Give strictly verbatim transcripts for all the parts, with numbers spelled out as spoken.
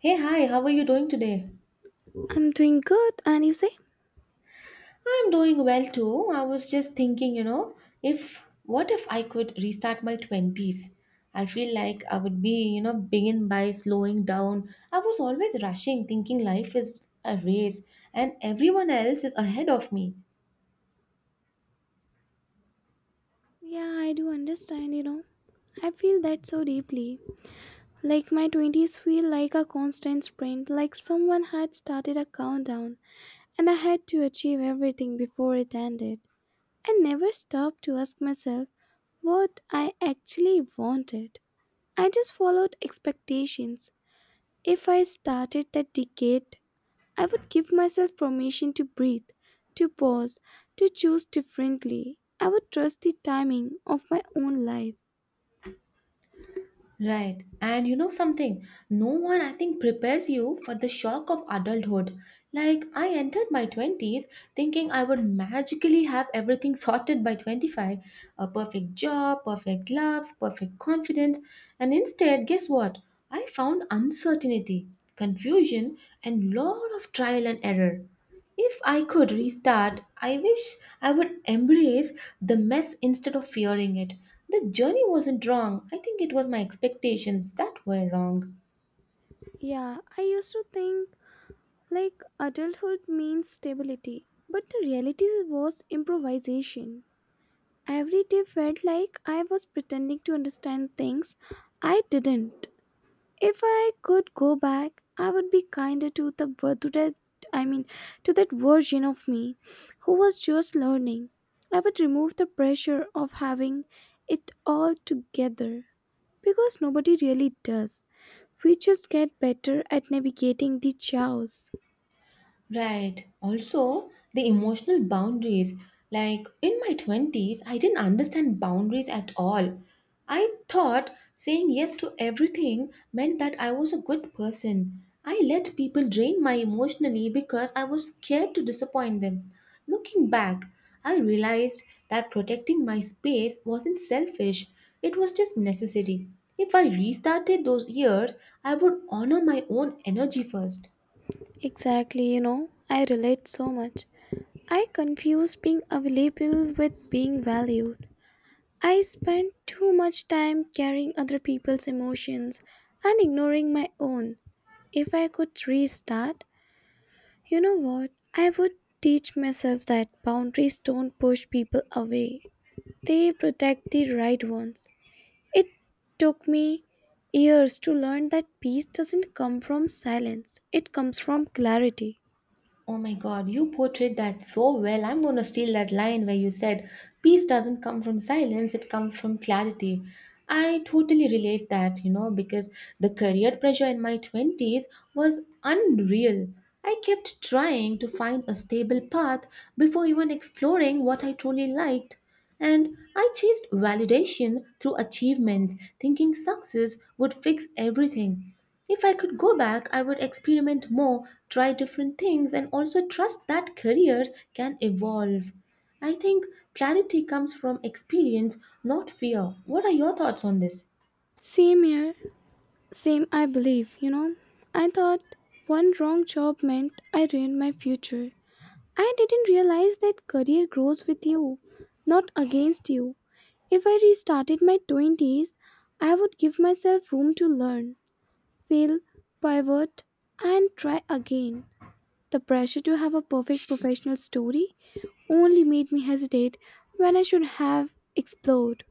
Hey, hi, how are you doing today? I'm doing good, and you say? I'm doing well too. I was just thinking, you know, if what if I could restart my twenties? I feel like I would be, you know, begin by slowing down. I was always rushing, thinking life is a race and everyone else is ahead of me. Yeah, I do understand, you know. I feel that so deeply. Like my twenties feel like a constant sprint, like someone had started a countdown, and I had to achieve everything before it ended. I never stopped to ask myself what I actually wanted. I just followed expectations. If I started that decade I would give myself permission to breathe, to pause, to choose differently. I would trust the timing of my own life. Right. And you know something? No one, I think, prepares you for the shock of adulthood. Like, I entered my twenties thinking I would magically have everything sorted by twenty-five: a perfect job, perfect love, perfect confidence. And instead, guess what? I found uncertainty, confusion, and lot of trial and error. If I could restart, I wish I would embrace the mess instead of fearing it. The journey wasn't wrong. I think it was my expectations that were wrong. Yeah, I used to think like adulthood means stability, but the reality was improvisation. Every day felt like I was pretending to understand things I didn't. If I could go back, I would be kinder to the ver- to that I mean to that version of me who was just learning. I would remove the pressure of having it all together because nobody really does. We just get better at navigating the chaos. Right. Also, the emotional boundaries. Like in my twenties, I didn't understand boundaries at all. I thought saying yes to everything meant that I was a good person. I let people drain my emotionally because I was scared to disappoint them. Looking back, I realized that protecting my space wasn't selfish, it was just necessary. If I restarted those years, I would honor my own energy first. Exactly, you know, I relate so much. I confuse being available with being valued. I spend too much time carrying other people's emotions and ignoring my own. If I could restart, you know what? I would teach myself that boundaries don't push people away, they protect the right ones. It took me years to learn that peace doesn't come from silence, it comes from clarity. Oh my God, you portrayed that so well. I'm going to steal that line where you said, "Peace doesn't come from silence, it comes from clarity." I totally relate that, you know, because the career pressure in my twenties was unreal. I kept trying to find a stable path before even exploring what I truly liked. And I chased validation through achievements, thinking success would fix everything. If I could go back, I would experiment more, try different things, and also trust that careers can evolve. I think clarity comes from experience, not fear. What are your thoughts on this? Same here, same I believe, you know. I thought one wrong job meant I ruined my future, I didn't realize that career grows with you, not against you. If I restarted my twenties, I would give myself room to learn, fail, pivot, and try again. The pressure to have a perfect professional story only made me hesitate when I should have explored.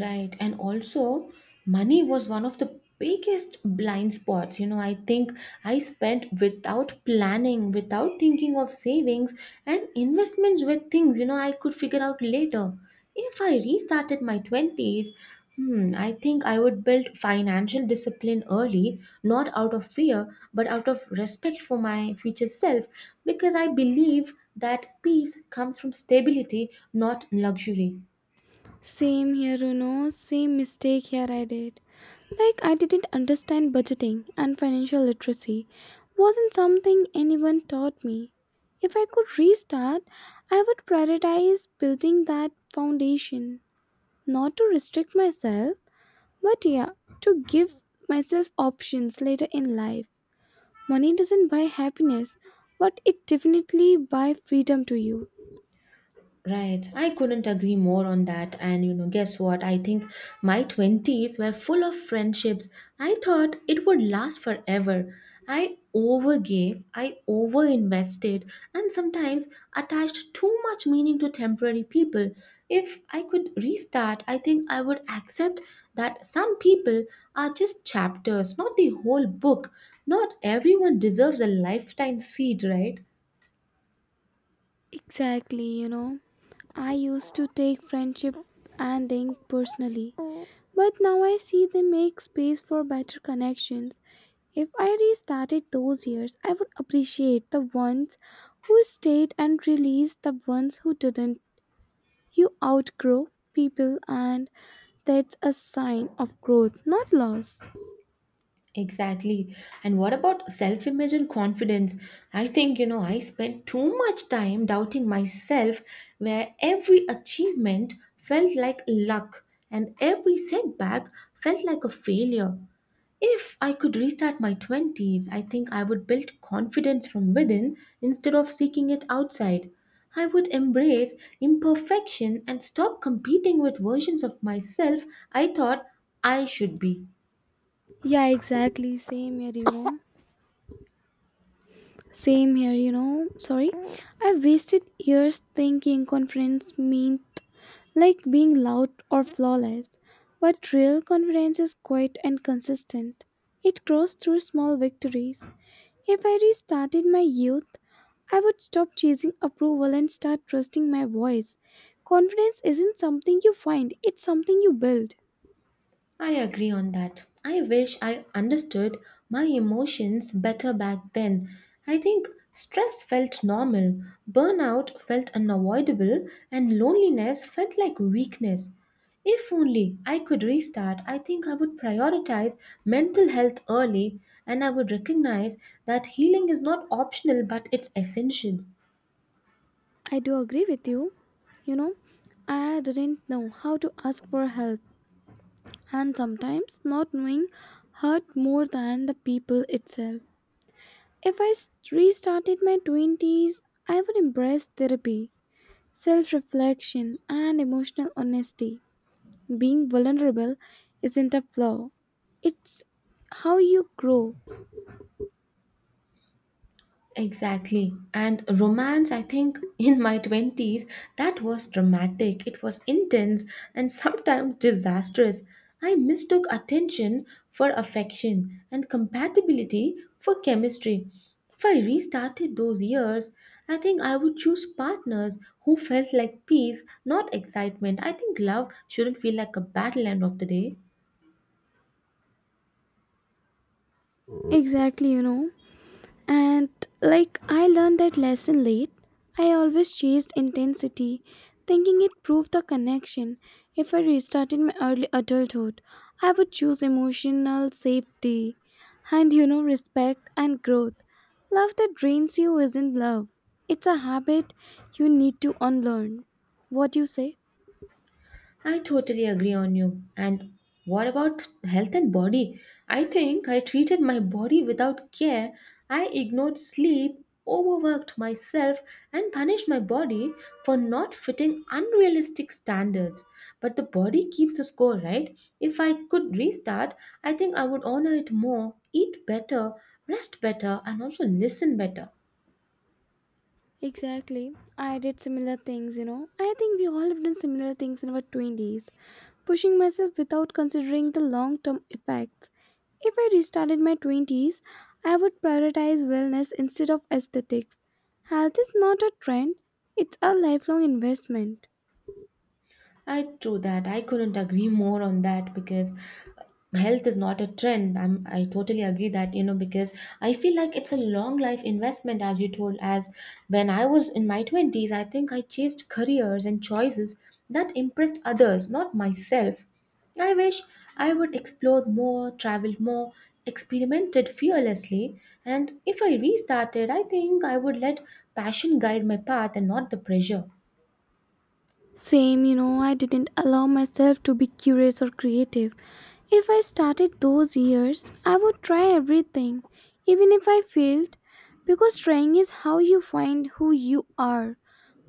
Right. And also, money was one of the biggest blind spots. You know, I think I spent without planning, without thinking of savings, and investments were things, you know, I could figure out later. If I restarted my twenties, hmm, I think I would build financial discipline early, not out of fear, but out of respect for my future self, because I believe that peace comes from stability, not luxury. Same here, you know, same mistake here I did. Like, I didn't understand budgeting and financial literacy. Wasn't something anyone taught me. If I could restart, I would prioritize building that foundation. Not to restrict myself, but yeah, to give myself options later in life. Money doesn't buy happiness, but it definitely buy freedom to you. Right. I couldn't agree more on that. And you know, guess what? I think my twenties were full of friendships. I thought it would last forever. I overgave, I overinvested, and sometimes attached too much meaning to temporary people. If I could restart, I think I would accept that some people are just chapters, not the whole book. Not everyone deserves a lifetime seat, right? Exactly, you know. I used to take friendship and dating personally, but now I see they make space for better connections. If I restarted those years, I would appreciate the ones who stayed and release the ones who didn't. You outgrow people, and that's a sign of growth, not loss. Exactly. And what about self image and confidence? I think, you know, I spent too much time doubting myself, where every achievement felt like luck and every setback felt like a failure. If I could restart my twenties, I think I would build confidence from within instead of seeking it outside. I would embrace imperfection and stop competing with versions of myself I thought I should be. Yeah, exactly. Same here, you know. Same here, you know. Sorry. I wasted years thinking confidence meant like being loud or flawless. But real confidence is quiet and consistent. It grows through small victories. If I restarted my youth, I would stop chasing approval and start trusting my voice. Confidence isn't something you find, it's something you build. I agree on that. I wish I understood my emotions better back then. I think stress felt normal, burnout felt unavoidable, and loneliness felt like weakness. If only I could restart, I think I would prioritize mental health early and I would recognize that healing is not optional but it's essential. I do agree with you. You know, I didn't know how to ask for help and sometimes not knowing hurt more than the people itself. If I s- restarted my twenties, I would embrace therapy, self reflection, and emotional honesty. Being vulnerable isn't a flaw, it's how you grow. Exactly. And romance, I think in my twenties, that was dramatic. It was intense and sometimes disastrous. I mistook attention for affection and compatibility for chemistry. If I restarted those years, I think I would choose partners who felt like peace, not excitement. I think love shouldn't feel like a battle end of the day. Exactly, you know. And like I learned that lesson late, I always chased intensity, thinking it proved the connection. If I restarted my early adulthood, I would choose emotional safety and you know respect and growth. Love that drains you isn't love. It's a habit you need to unlearn. What do you say? I totally agree on you. And what about health and body? I think I treated my body without care. I ignored sleep, overworked myself, and punished my body for not fitting unrealistic standards. But the body keeps the score, right? If I could restart, I think I would honor it more, eat better, rest better, and also listen better. Exactly. I did similar things, you know. I think we all have done similar things in our twenties, pushing myself without considering the long term effects. If I restarted my twenties, I would prioritize wellness instead of aesthetics. Health is not a trend, it's a lifelong investment. I true that. I couldn't agree more on that because health is not a trend. I'm i totally agree that, you know because I feel like it's a long life investment as you told. As when I was in my twenties, I think I chased careers and choices that impressed others, not myself. I wish I would explore more, traveled more, experimented fearlessly. And if I restarted, I think I would let passion guide my path and not the pressure. Same, you know, I didn't allow myself to be curious or creative. If I started those years, I would try everything, even if I failed, because trying is how you find who you are.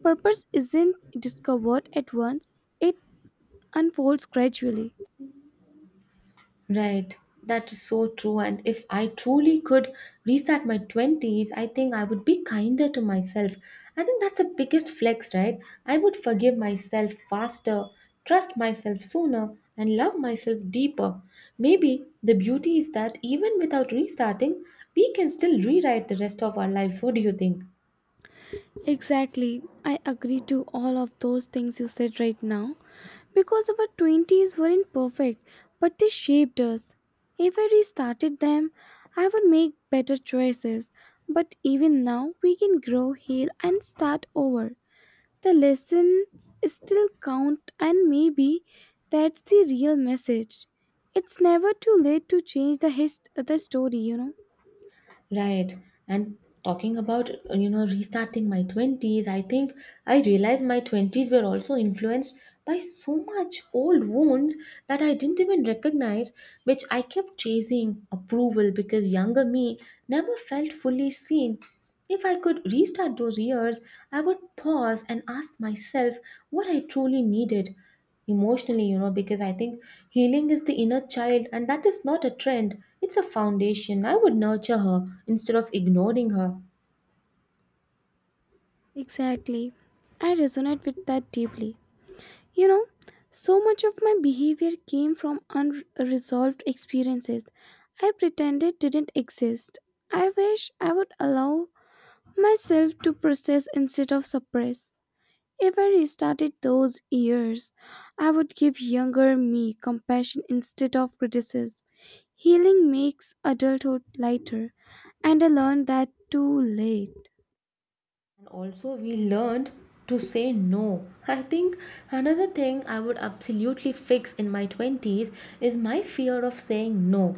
Purpose isn't discovered at once, it unfolds gradually. Right. That is so true. And if I truly could restart my twenties, I think I would be kinder to myself. I think that's the biggest flex, right? I would forgive myself faster, trust myself sooner, and love myself deeper. Maybe the beauty is that even without restarting, we can still rewrite the rest of our lives. What do you think? Exactly. I agree to all of those things you said right now. Because our twenties weren't perfect, but they shaped us. If I restarted them, I would make better choices. But even now, we can grow, heal, and start over. The lessons still count, and maybe that's the real message. It's never too late to change the, hist- the story, you know? Right. And talking about, uh, you know, restarting my twenties, I think I realized my twenties were also influenced by so much old wounds that I didn't even recognize, which I kept chasing approval because younger me never felt fully seen. If I could restart those years, I would pause and ask myself what I truly needed emotionally, you know because I think healing is the inner child and that is not a trend, it's a foundation. I would nurture her instead of ignoring her. And Exactly. I resonate with that deeply. You know, so much of my behavior came from unresolved experiences I pretended didn't exist. I wish I would allow myself to process instead of suppress. If I restarted those years, I would give younger me compassion instead of criticism. Healing makes adulthood lighter, and I learned that too late. also we learned to say no. I think another thing I would absolutely fix in my twenties is my fear of saying no.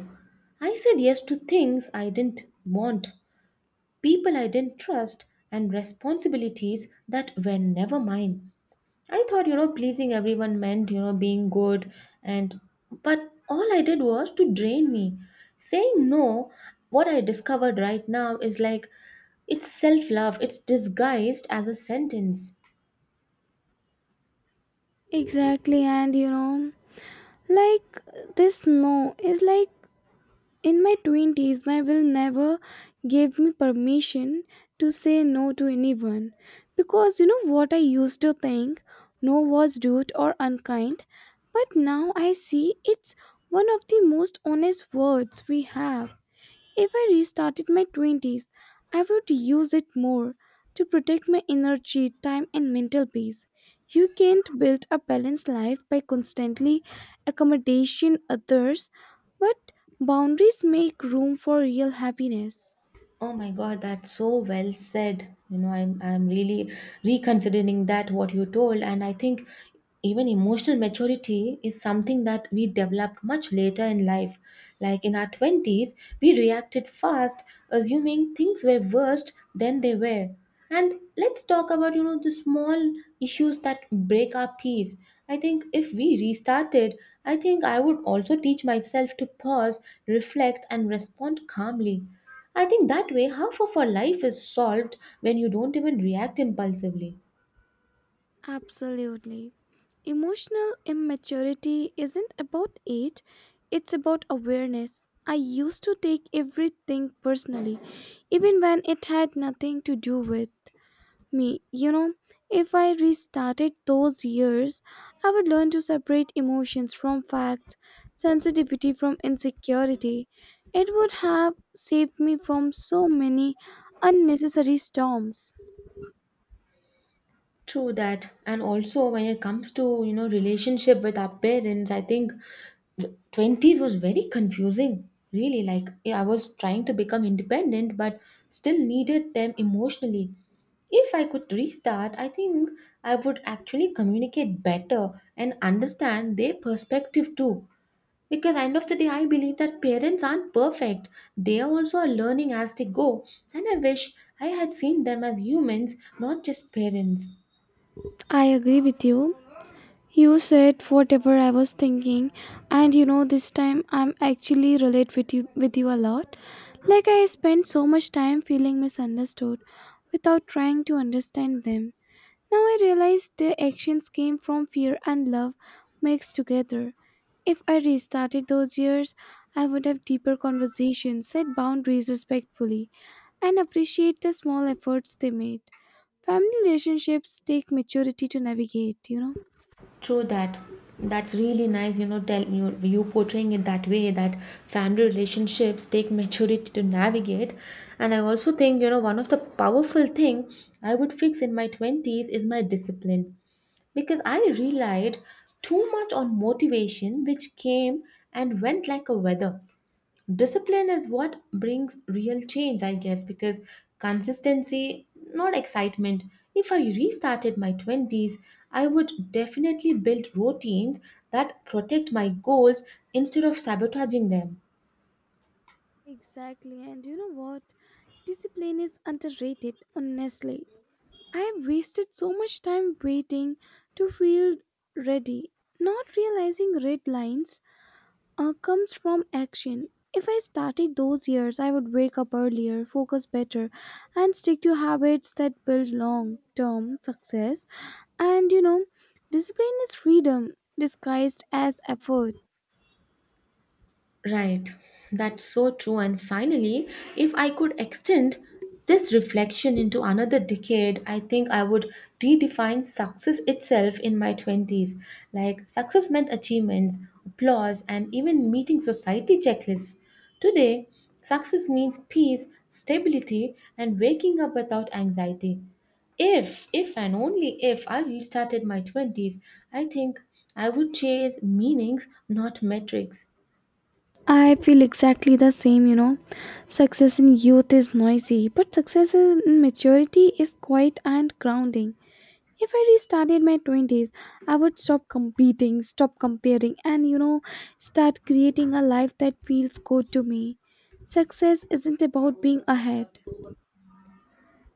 I said yes to things I didn't want, people I didn't trust, and responsibilities that were never mine. I thought, you know, pleasing everyone meant, you know, being good and but all I did was to drain me. Saying no, what I discovered right now is like it's self-love. It's disguised as a sentence. Exactly, and you know, like this no is like in my twenties, my will never gave me permission to say no to anyone because you know what I used to think no was rude or unkind, but now I see it's one of the most honest words we have. If I restarted my twenties, I would use it more to protect my energy, time, and mental peace. You can't build a balanced life by constantly accommodating others, but boundaries make room for real happiness. Oh my God, that's so well said. You know, I'm I'm really reconsidering that what you told, and I think even emotional maturity is something that we developed much later in life. Like in our twenties, we reacted fast, assuming things were worse than they were. And let's talk about, you know the small issues that break our peace. I think if we restarted, I think I would also teach myself to pause, reflect, and respond calmly. I think that way half of our life is solved when you don't even react impulsively. Absolutely. Emotional immaturity isn't about age, it's about awareness. I used to take everything personally, even when it had nothing to do with me, you know, if I restarted those years, I would learn to separate emotions from facts, sensitivity from insecurity. It would have saved me from so many unnecessary storms. True that. And also when it comes to, you know, relationship with our parents, I think twenties was very confusing. Really, like yeah, I was trying to become independent but still needed them emotionally. If I could restart, I think I would actually communicate better and understand their perspective too. Because end of the day I believe that parents aren't perfect, they also are learning as they go. And I wish I had seen them as humans, not just parents. I agree with you. You said whatever I was thinking, and you know, this time I'm actually relate with you with you a lot. Like I spent so much time feeling misunderstood without trying to understand them. Now I realize their actions came from fear and love mixed together. If I restarted those years, I would have deeper conversations, set boundaries respectfully, and appreciate the small efforts they made. Family relationships take maturity to navigate, you know? True that. That's really nice, you know, tell you you portraying it that way that family relationships take maturity to navigate. And I also think, you know one of the powerful thing I would fix in my twenties is my discipline. Because I relied too much on motivation, which came and went like a weather. Discipline is what brings real change, I guess, because consistency, not excitement. If I restarted my twenties, I would definitely build routines that protect my goals instead of sabotaging them. Exactly, and you know what? Discipline is underrated, honestly. I have wasted so much time waiting to feel ready, not realizing red lines uh, comes from action. If I started those years, I would wake up earlier, focus better, and stick to habits that build long term success. And you know, discipline is freedom disguised as effort. Right, that's so true. And finally, if I could extend this reflection into another decade, I think I would redefine success itself in my twenties. Like, success meant achievements, applause, and even meeting society checklists. Today, success means peace, stability, and waking up without anxiety. If if and only if I restarted my twenties, I think I would chase meanings, not metrics. I feel exactly the same, you know. Success in youth is noisy, but success in maturity is quiet and grounding. If I restarted my twenties, I would stop competing, stop comparing, and you know, start creating a life that feels good to me. Success isn't about being ahead.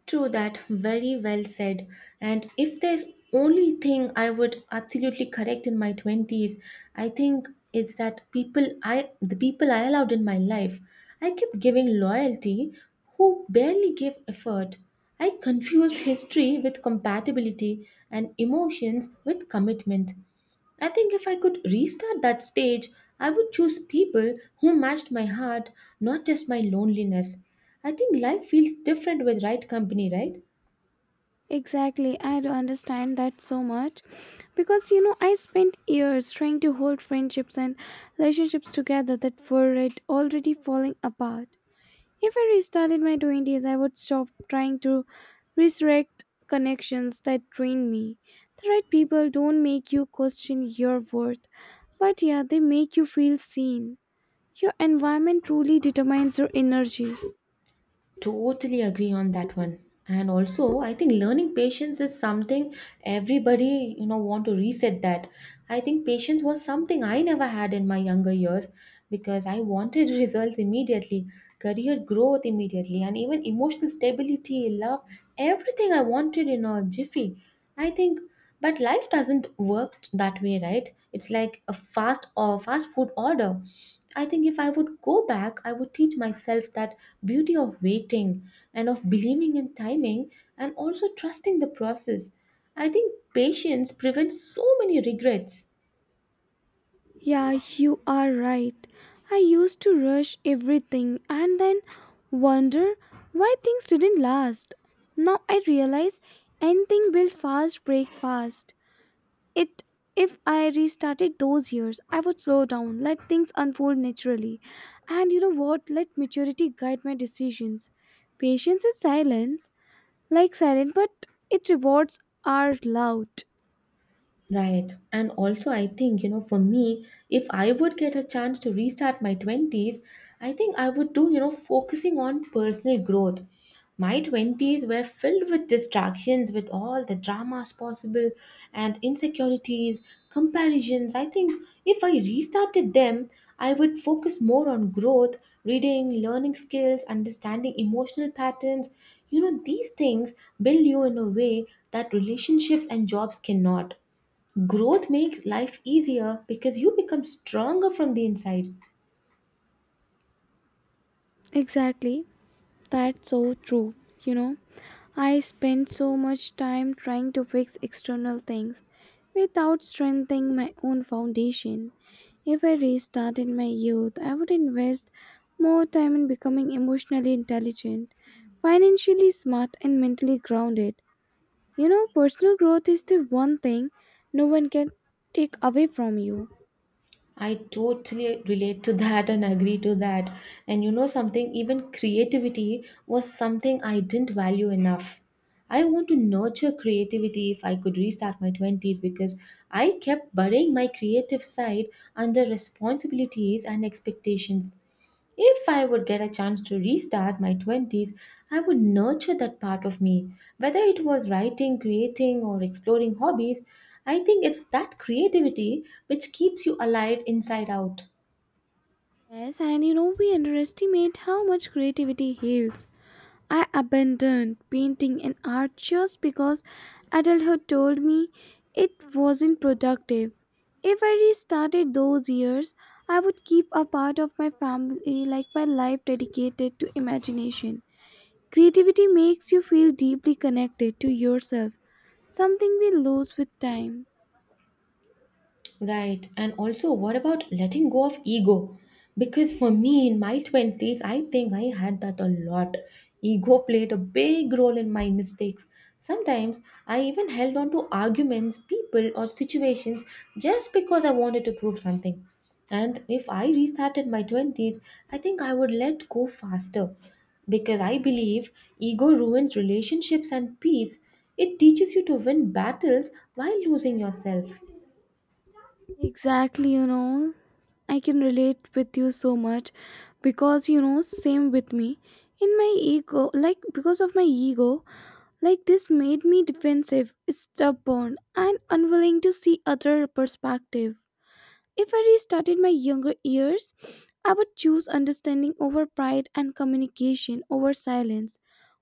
True that, very well said. And if there's only thing I would absolutely correct in my twenties, I think it's that people I the people I allowed in my life, I kept giving loyalty who barely gave effort. I confused history with compatibility and emotions with commitment. I think if I could restart that stage, I would choose people who matched my heart, not just my loneliness. I think life feels different with right company, right? Exactly, I do understand that so much because you know I spent years trying to hold friendships and relationships together that were already falling apart. If I restarted my twenties, I would stop trying to resurrect connections that drain me. The right people don't make you question your worth, but yeah, they make you feel seen. Your environment truly determines your energy. Totally agree on that one. And also, I think learning patience is something everybody, you know, want to reset that. I think patience was something I never had in my younger years because I wanted results immediately, career growth immediately, and even emotional stability, love, everything I wanted in a jiffy. I think but life doesn't work that way, right? It's like a fast or fast food order. I think if I would go back, I would teach myself that beauty of waiting and of believing in timing and also trusting the process. I think patience prevents so many regrets. Yeah, you are right. I used to rush everything and then wonder why things didn't last. Now I realize anything built fast break fast. It if I restarted those years, I would slow down, let things unfold naturally, and you know what? Let maturity guide my decisions. Patience is silence, like silent, but it rewards are loud. Right. And also, I think, you know, for me, if I would get a chance to restart my twenties, I think I would do, you know, focusing on personal growth. My twenties were filled with distractions, with all the dramas possible and insecurities, comparisons. I think if I restarted them, I would focus more on growth, reading, learning skills, understanding emotional patterns. You know, these things build you in a way that relationships and jobs cannot. Growth makes life easier because you become stronger from the inside. Exactly. That's so true, you know. I spend so much time trying to fix external things without strengthening my own foundation. If I restarted my youth, I would invest more time in becoming emotionally intelligent, financially smart, and mentally grounded. You know, personal growth is the one thing no one can take away from you. I totally relate to that and agree to that. And you know something, even creativity was something I didn't value enough. I want to nurture creativity if I could restart my twenties because I kept burying my creative side under responsibilities and expectations. If I would get a chance to restart my twenties, I would nurture that part of me. Whether it was writing, creating, or exploring hobbies, I think it's that creativity which keeps you alive inside out. Yes, and you know, we underestimate how much creativity heals. I abandoned painting and art just because adulthood told me it wasn't productive. If I restarted those years, I would keep a part of my family like my life dedicated to imagination. Creativity makes you feel deeply connected to yourself, something we lose with time. Right. And also, what about letting go of ego? Because for me, in my twenties, I think I had that a lot. Ego played a big role in my mistakes. Sometimes I even held on to arguments, people, or situations just because I wanted to prove something. And if I restarted my twenties, I think I would let go faster. Because I believe ego ruins relationships and peace. It teaches you to win battles while losing yourself. Exactly, you know, I can relate with you so much because you know, same with me. In my ego, like because of my ego, like this made me defensive, stubborn, and unwilling to see other perspective. If I restarted my younger years, I would choose understanding over pride and communication over silence.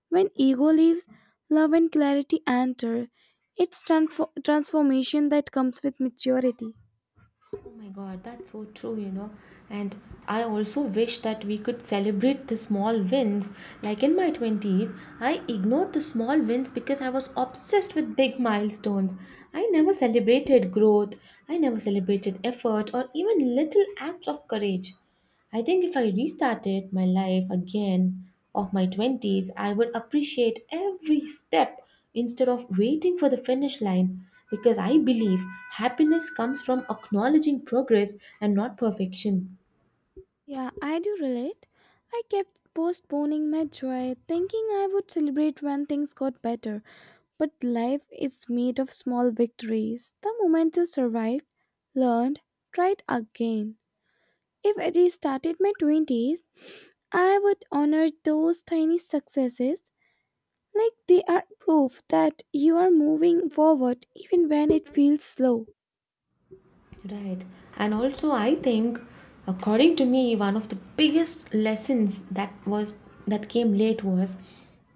When ego leaves, love and clarity enter. It's transfo- transformation that comes with maturity. Oh my God, that's so true, you know. And I also wish that we could celebrate the small wins. Like in my twenties, I ignored the small wins because I was obsessed with big milestones. I never celebrated growth, I never celebrated effort, or even little acts of courage. I think if I restarted my life again of my twenties, I would appreciate every step instead of waiting for the finish line because I believe happiness comes from acknowledging progress and not perfection. Yeah, I do relate. I kept postponing my joy, thinking I would celebrate when things got better. But life is made of small victories. The moment you survived, learned, tried again. If I restarted my twenties, I would honor those tiny successes like they are proof that you are moving forward even when it feels slow. Right. And also, I think, according to me, one of the biggest lessons that was that came late was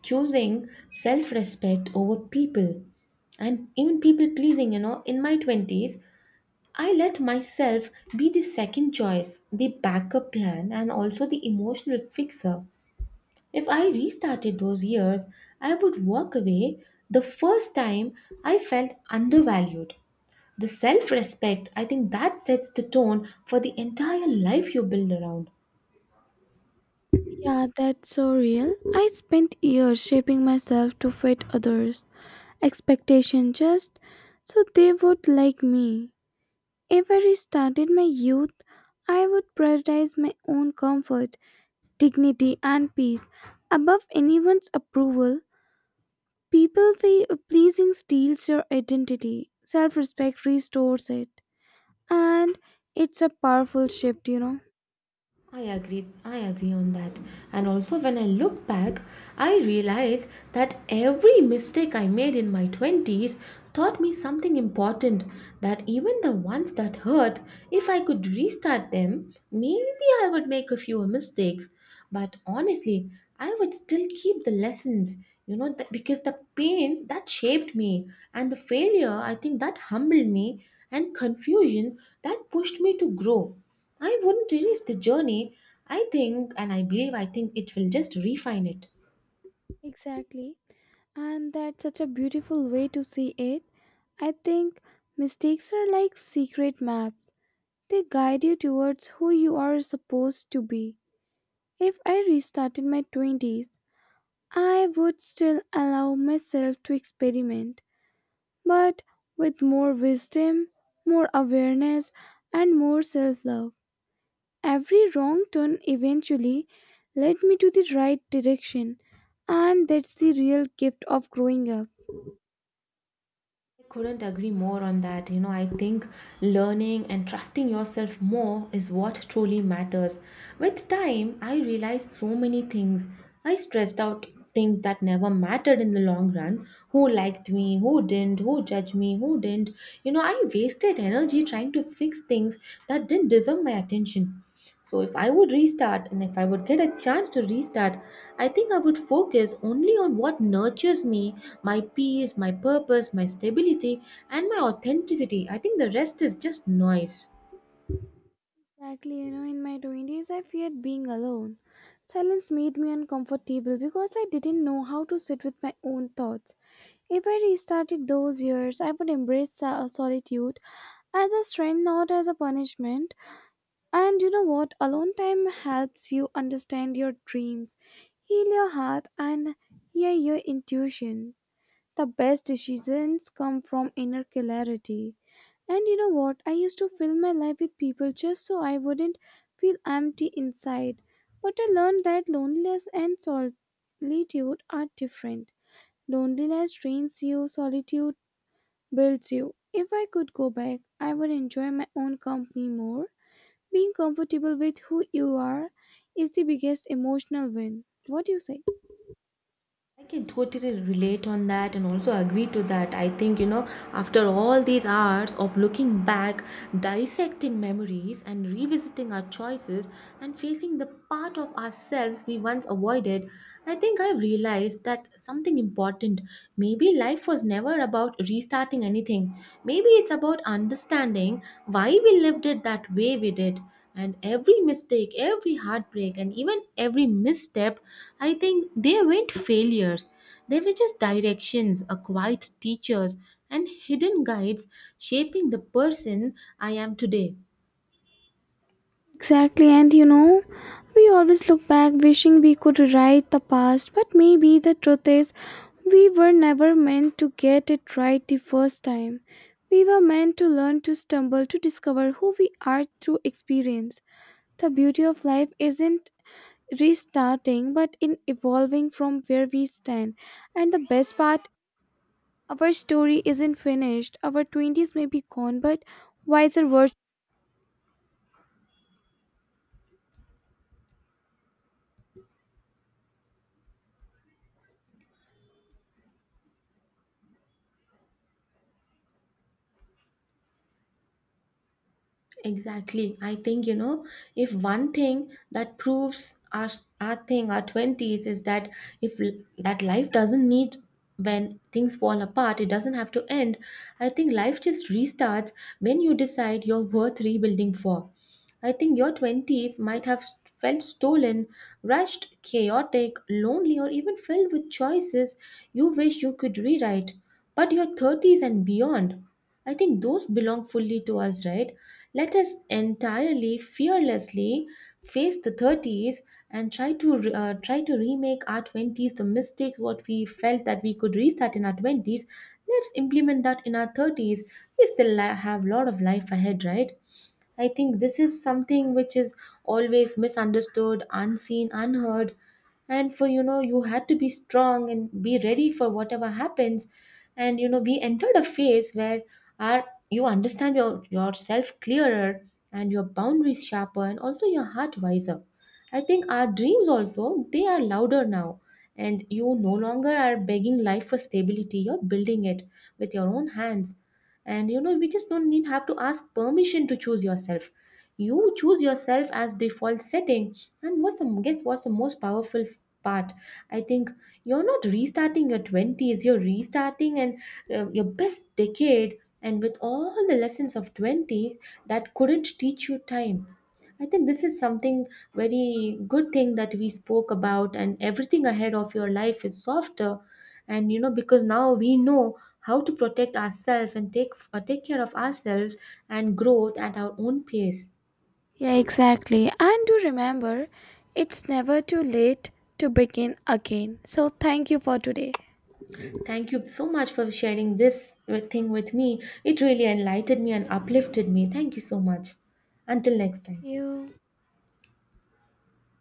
choosing self-respect over people and even people pleasing, you know. In my twenties, I let myself be the second choice, the backup plan, and also the emotional fixer. If I restarted those years, I would walk away the first time I felt undervalued. The self respect, I think that sets the tone for the entire life you build around. Yeah, that's so real. I spent years shaping myself to fit others' expectations just so they would like me. If I restarted my youth, I would prioritize my own comfort, dignity, and peace above anyone's approval. People feel pleasing steals your identity, self respect restores it, and it's a powerful shift, you know. I agree. I agree on that. And also, when I look back, I realize that every mistake I made in my twenties taught me something important. That even the ones that hurt, if I could restart them, maybe I would make a fewer mistakes. But honestly, I would still keep the lessons, you know, that, because the pain that shaped me and the failure, I think that humbled me and confusion that pushed me to grow. I wouldn't erase the journey. I think and I believe I think it will just refine it. Exactly, and that's such a beautiful way to see it. I think mistakes are like secret maps, they guide you towards who you are supposed to be. If I restarted my twenties, I would still allow myself to experiment, but with more wisdom, more awareness, and more self love. Every wrong turn eventually led me to the right direction, and that's the real gift of growing up. I couldn't agree more on that. You know, I think learning and trusting yourself more is what truly matters. With time, I realized so many things. I stressed out things that never mattered in the long run: who liked me, who didn't, who judged me, who didn't. You know, I wasted energy trying to fix things that didn't deserve my attention. So if I would restart and if I would get a chance to restart, I think I would focus only on what nurtures me, my peace, my purpose, my stability, and my authenticity. I think the rest is just noise. Exactly, you know, in my twenties, I feared being alone. Silence made me uncomfortable because I didn't know how to sit with my own thoughts. If I restarted those years, I would embrace so- solitude as a strength, not as a punishment. And you know what? Alone time helps you understand your dreams, heal your heart, and hear your intuition the best decisions come from inner clarity. And you know what? I used to fill my life with people just so I wouldn't feel empty inside. But I learned that loneliness and solitude are different. Loneliness drains you, solitude builds you. If I could go back, I would enjoy my own company more. Being comfortable with who you are is the biggest emotional win. What do you say? I can totally relate on that and also agree to that. I think, you know, after all these hours of looking back, dissecting memories, and revisiting our choices and facing the part of ourselves we once avoided, I think I realized that something important. Maybe life was never about restarting anything. Maybe it's about understanding why we lived it that way we did. And every mistake, every heartbreak, and even every misstep, I think they weren't failures. They were just directions, a quiet teachers, and hidden guides shaping the person I am today. Exactly, and you know, we always look back wishing we could rewrite the past, but maybe the truth is we were never meant to get it right the first time. We were meant to learn to stumble to discover who we are through experience. The beauty of life isn't restarting but in evolving from where we stand. And the best part, our story isn't finished. Our twenties may be gone, but wiser versions. Exactly. I think, you know, if one thing that proves our, our thing, our twenties, is that if l- that life doesn't need when things fall apart, it doesn't have to end. I think life just restarts when you decide you're worth rebuilding for. I think your twenties might have s- felt stolen, rushed, chaotic, lonely, or even filled with choices you wish you could rewrite. But your thirties and beyond. I think those belong fully to us, right? Let us entirely fearlessly face the thirties and try to uh, try to remake our twenties, the mistakes what we felt that we could restart in our twenties. Let's implement that in our thirties. We still li- have a lot of life ahead, right? I think this is something which is always misunderstood, unseen, unheard. And for, you know, you had to be strong and be ready for whatever happens. And you know, we entered a phase where our you understand your yourself clearer and your boundaries sharper and also your heart wiser. I think our dreams also, they are louder now. And you no longer are begging life for stability, you're building it with your own hands. And you know, we just don't need have to ask permission to choose yourself. You choose yourself as default setting. And what's the guess what's the most powerful f- part. I think you're not restarting your twenties, you're restarting and uh, your best decade and with all the lessons of twenty that couldn't teach you time. I think this is something very good thing that we spoke about, and everything ahead of your life is softer. And you know, because now we know how to protect ourselves and take, uh, take care of ourselves and growth at our own pace. Yeah, exactly. And do remember, it's never too late to begin again. So, thank you for today. Thank you so much for sharing this uh, thing with me. It really enlightened me and uplifted me. Thank you so much. Until next time. You.